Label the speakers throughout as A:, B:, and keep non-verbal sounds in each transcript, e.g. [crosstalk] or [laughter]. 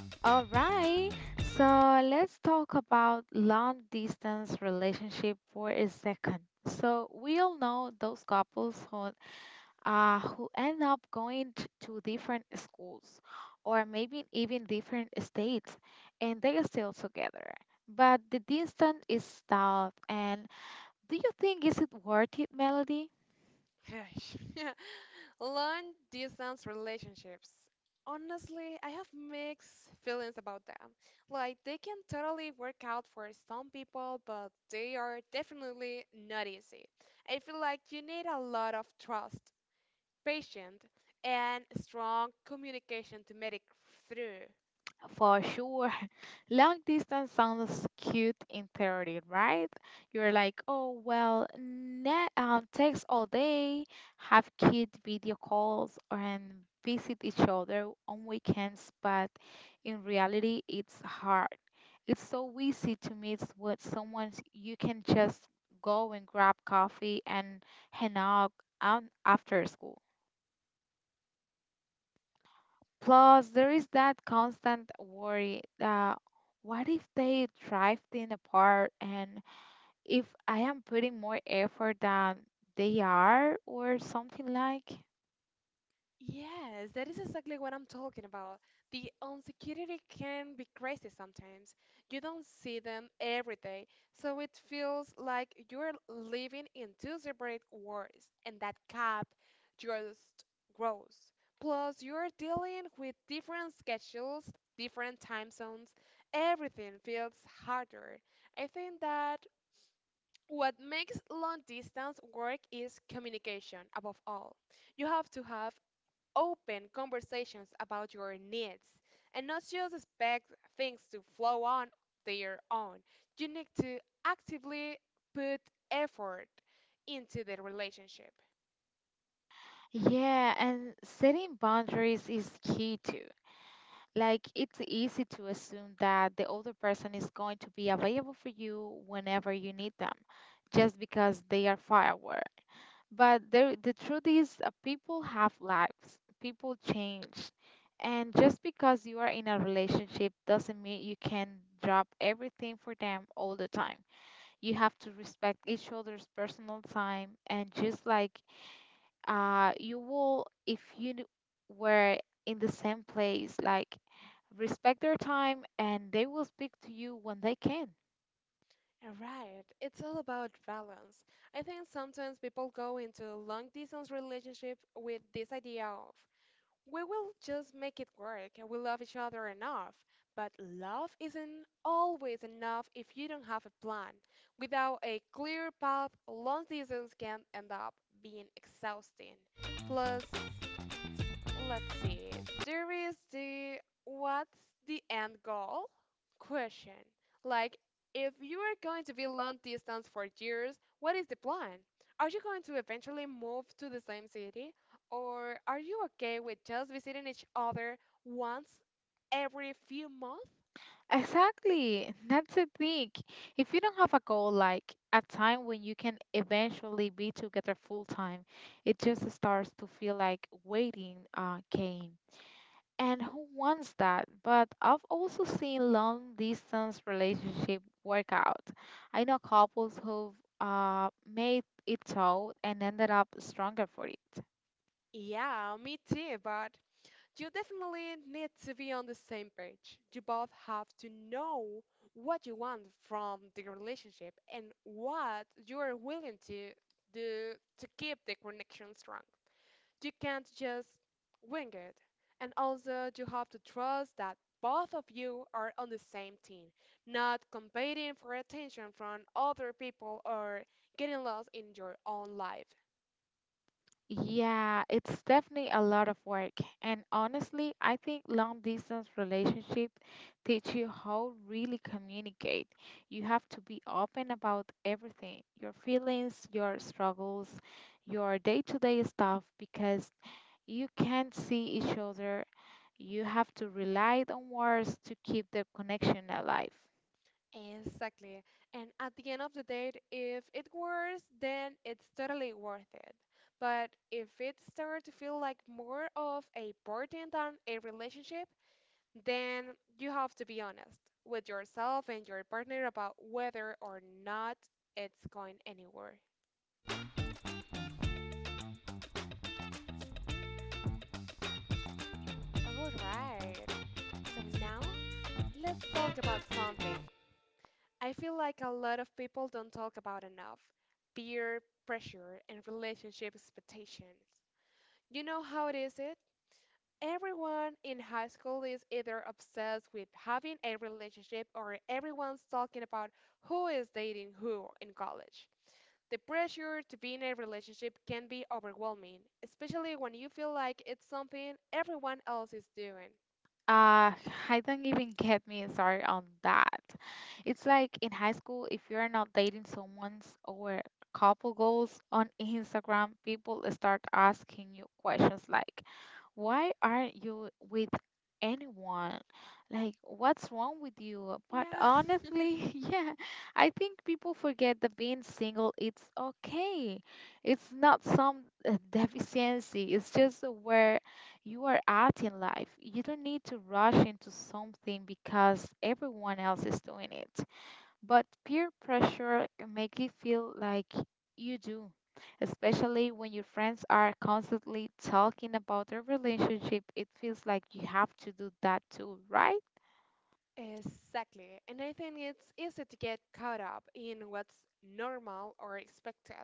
A: All right, so let's talk about long distance relationship for a second. So we all know those couples who end up going to different schools or maybe even different states and they are still together. But the distance is tough and do you think is it worth it, Melody?
B: [laughs] Long distance relationships. Honestly, I have mixed feelings about them. Like, they can totally work out for some people, but they are definitely not easy. I feel like you need a lot of trust, patience, and strong communication to make it through.
A: For sure. [laughs] Long distance sounds cute in theory, right? You're like, oh, well, ne text all day, have cute video calls, and visit each other on weekends, but in reality, it's hard. It's so easy to meet with someone you can just go and grab coffee and hang out after school. Plus, there is that constant worry, what if they drifting apart and if I am putting more effort than they are or something like?
B: Yes, that is exactly what I'm talking about. The insecurity can be crazy sometimes. You don't see them every day, so it feels like you're living in two separate worlds, and that gap just grows. Plus, you're dealing with different schedules, different time zones, everything feels harder. I think that what makes long distance work is communication, above all. You have to have open conversations about your needs and not just expect things to flow on their own. You need to actively put effort into the relationship.
A: Yeah, and setting boundaries is key too. Like, it's easy to assume that the other person is going to be available for you whenever you need them, just because they are far away. But the truth is, people have lives, people change. And just because you are in a relationship doesn't mean you can drop everything for them all the time. You have to respect each other's personal time. And just like, you will, if you were in the same place, like respect their time and they will speak to you when they can.
B: All right, it's all about balance. I think sometimes people go into long distance relationship with this idea of, we will just make it work and we love each other enough. But love isn't always enough if you don't have a plan. Without a clear path, long seasons can end up being exhausting. Plus, let's see, there is the what's the end goal question. Like, if you are going to be long distance for years, what is the plan? Are you going to eventually move to the same city? Or are you okay with just visiting each other once every few months?
A: Exactly. That's the thing. If you don't have a goal, like a time when you can eventually be together full time, it just starts to feel like waiting game. And who wants that? But I've also seen long distance relationship work out. I know couples who've made it out and ended up stronger for it.
B: Yeah, me too, but you definitely need to be on the same page. You both have to know what you want from the relationship and what you are willing to do to keep the connection strong. You can't just wing it. And also, you have to trust that both of you are on the same team, not competing for attention from other people or getting lost in your own life.
A: Yeah, it's definitely a lot of work. And honestly, I think long distance relationship teach you how really communicate. You have to be open about everything, your feelings, your struggles, your day-to-day stuff because you can't see each other. You have to rely on words to keep the connection alive.
B: Exactly. And at the end of the day, if it works, then it's totally worth it. But if it starts to feel like more of a burden than a relationship, then you have to be honest with yourself and your partner about whether or not it's going anywhere. All right. So now let's talk about something I feel like a lot of people don't talk about enough. Peer pressure and relationship expectations. You know how it is it? Everyone in high school is either obsessed with having a relationship or everyone's talking about who is dating who in college. The pressure to be in a relationship can be overwhelming, especially when you feel like it's something everyone else is doing.
A: Uh, I don't even get me started on that. It's like in high school, if you're not dating someone's or couple goals on Instagram, people start asking you questions like, why aren't you with anyone? Like, what's wrong with you? But
B: Yeah,
A: honestly, [laughs] yeah, I think people forget that being single, it's okay. It's not some deficiency. It's just where you are out in life. You don't need to rush into something because everyone else is doing it. But peer pressure can make you feel like you do, especially when your friends are constantly talking about their relationship. It feels like you have to do that too, right?
B: exactly. And I think it's easy to get caught up in what's normal or expected.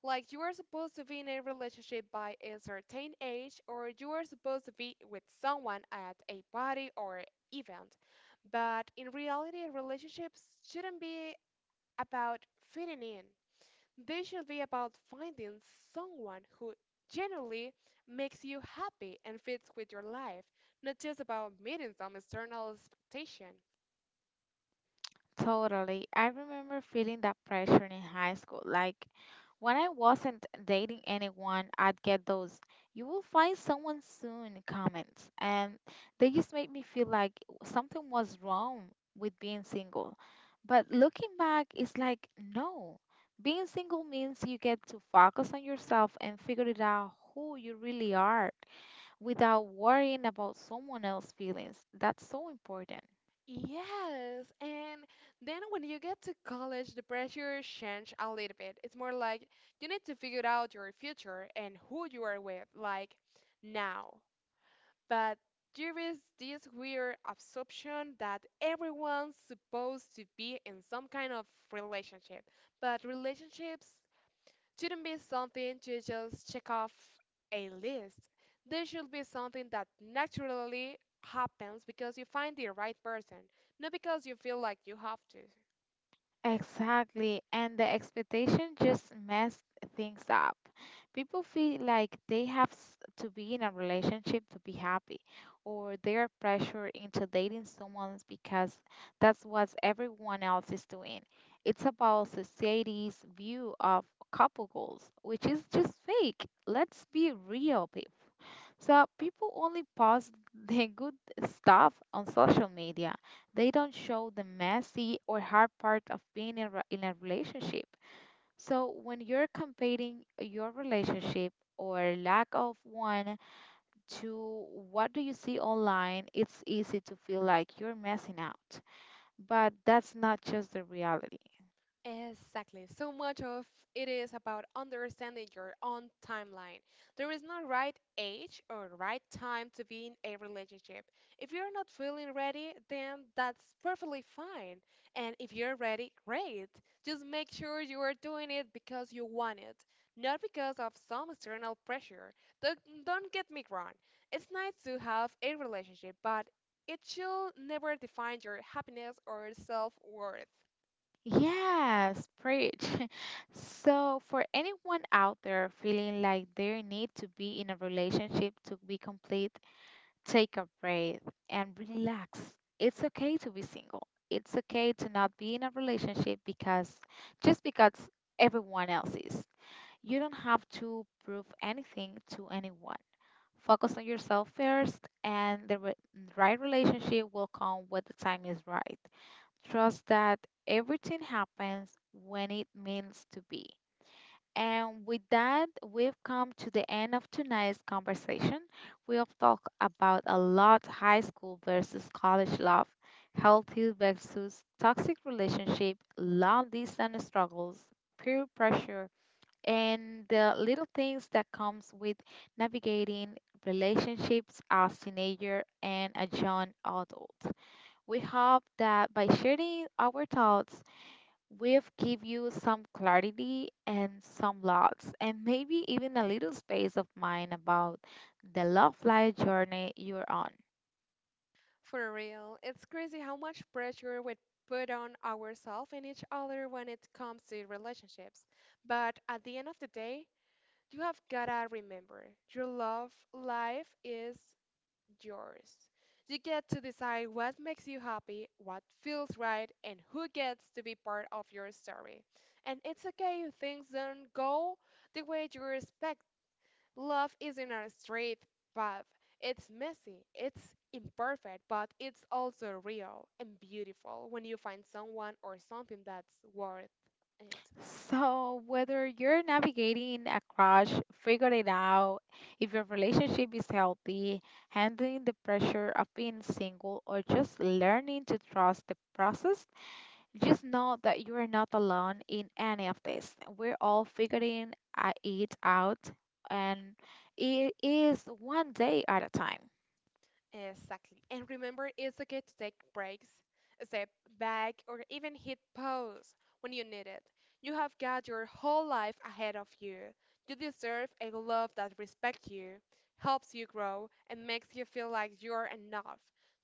B: Like, you are supposed to be in a relationship by a certain age, or you are supposed to be with someone at a party or event. But in reality, relationships shouldn't be about fitting in. They should be about finding someone who genuinely makes you happy and fits with your life, not just about meeting some external expectation.
A: Totally. I remember feeling that pressure in high school. Like when I wasn't dating anyone, I'd get those you will find someone soon comments. And they just made me feel like something was wrong with being single. But looking back, it's like no. Being single means you get to focus on yourself and figure it out who you really are without worrying about someone else's feelings. That's so important.
B: Yes, and then when you get to college, the pressure change a little bit. It's more like you need to figure out your future and who you are with, like, now. But there is this weird assumption that everyone's supposed to be in some kind of relationship, but relationships shouldn't be something to just check off a list. There should be something that naturally happens because you find the right person, not because you feel like you have to.
A: Exactly, and the expectation just mess things up. People feel like they have to be in a relationship to be happy, or they are pressured into dating someone because that's what everyone else is doing. It's about society's view of couple goals, which is just fake. Let's be real, people. So people only post the good stuff on social media. They don't show the messy or hard part of being in a relationship. So when you're comparing your relationship or lack of one to what do you see online, it's easy to feel like you're messing out. But that's not just the reality.
B: Exactly. So much of it is about understanding your own timeline. There is no right age or right time to be in a relationship. If you're not feeling ready, then that's perfectly fine. And if you're ready, great. Just make sure you are doing it because you want it, not because of some external pressure. Don't, don't get me wrong. It's nice to have a relationship, but it should never define your happiness or self-worth.
A: Yes, preach. [laughs] So, for anyone out there feeling like they need to be in a relationship to be complete, take a breath and relax. It's okay to be single. It's okay to not be in a relationship because just because everyone else is. You don't have to prove anything to anyone. Focus on yourself first, and right relationship will come when the time is right. Trust that everything happens when it means to be. And with that, we've come to the end of tonight's conversation. We have talked about a lot: high school versus college love, healthy versus toxic relationship, long distance struggles, peer pressure, and the little things that comes with navigating relationships as teenager and a young adult. We hope that by sharing our thoughts, we've give you some clarity and some lots, and maybe even a little space of mind about the love life journey you're on.
B: For real, it's crazy how much pressure we put on ourselves and each other when it comes to relationships. But at the end of the day, you have gotta remember your love life is yours. You get to decide what makes you happy, what feels right, and who gets to be part of your story. And it's okay if things don't go the way you expect. Love isn't a straight path. It's messy, it's imperfect, but it's also real and beautiful when you find someone or something that's worth it.
A: So, whether you're navigating a crush, figuring it out, if your relationship is healthy, handling the pressure of being single, or just learning to trust the process, just know that you are not alone in any of this. We're all figuring it out, and it is one day at a time.
B: Exactly. And remember, it's okay to take breaks, step back, or even hit pause when you need it. You have got your whole life ahead of you. You deserve a love that respects you, helps you grow, and makes you feel like you're enough,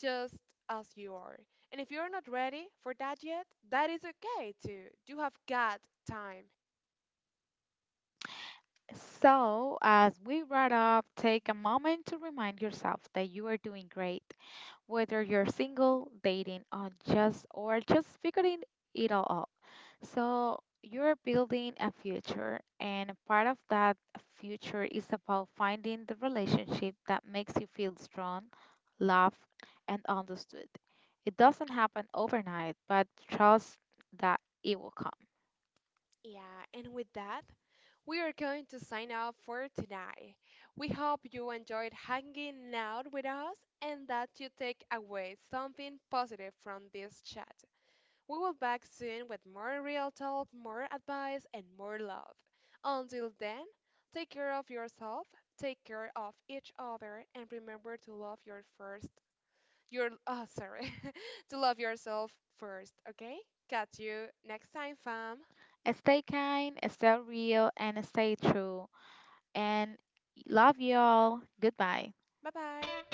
B: just as you are. And if you're not ready for that yet, that is okay too. You have got time.
A: So, as we wrap up, take a moment to remind yourself that you are doing great, whether you're single, dating, or just figuring it all out. So you're building a future, and part of that future is about finding the relationship that makes you feel strong, loved, and understood. It doesn't happen overnight, but trust that it will come.
B: Yeah, and with that, we are going to sign off for tonight. We hope you enjoyed hanging out with us and that you take away something positive from this chat. We will be back soon with more real talk, more advice, and more love. Until then, take care of yourself, take care of each other, and remember to love your first your oh sorry [laughs] to love yourself first, okay? Catch you next time, fam.
A: Stay kind, stay real, and stay true. And love you all. Goodbye.
B: Bye bye.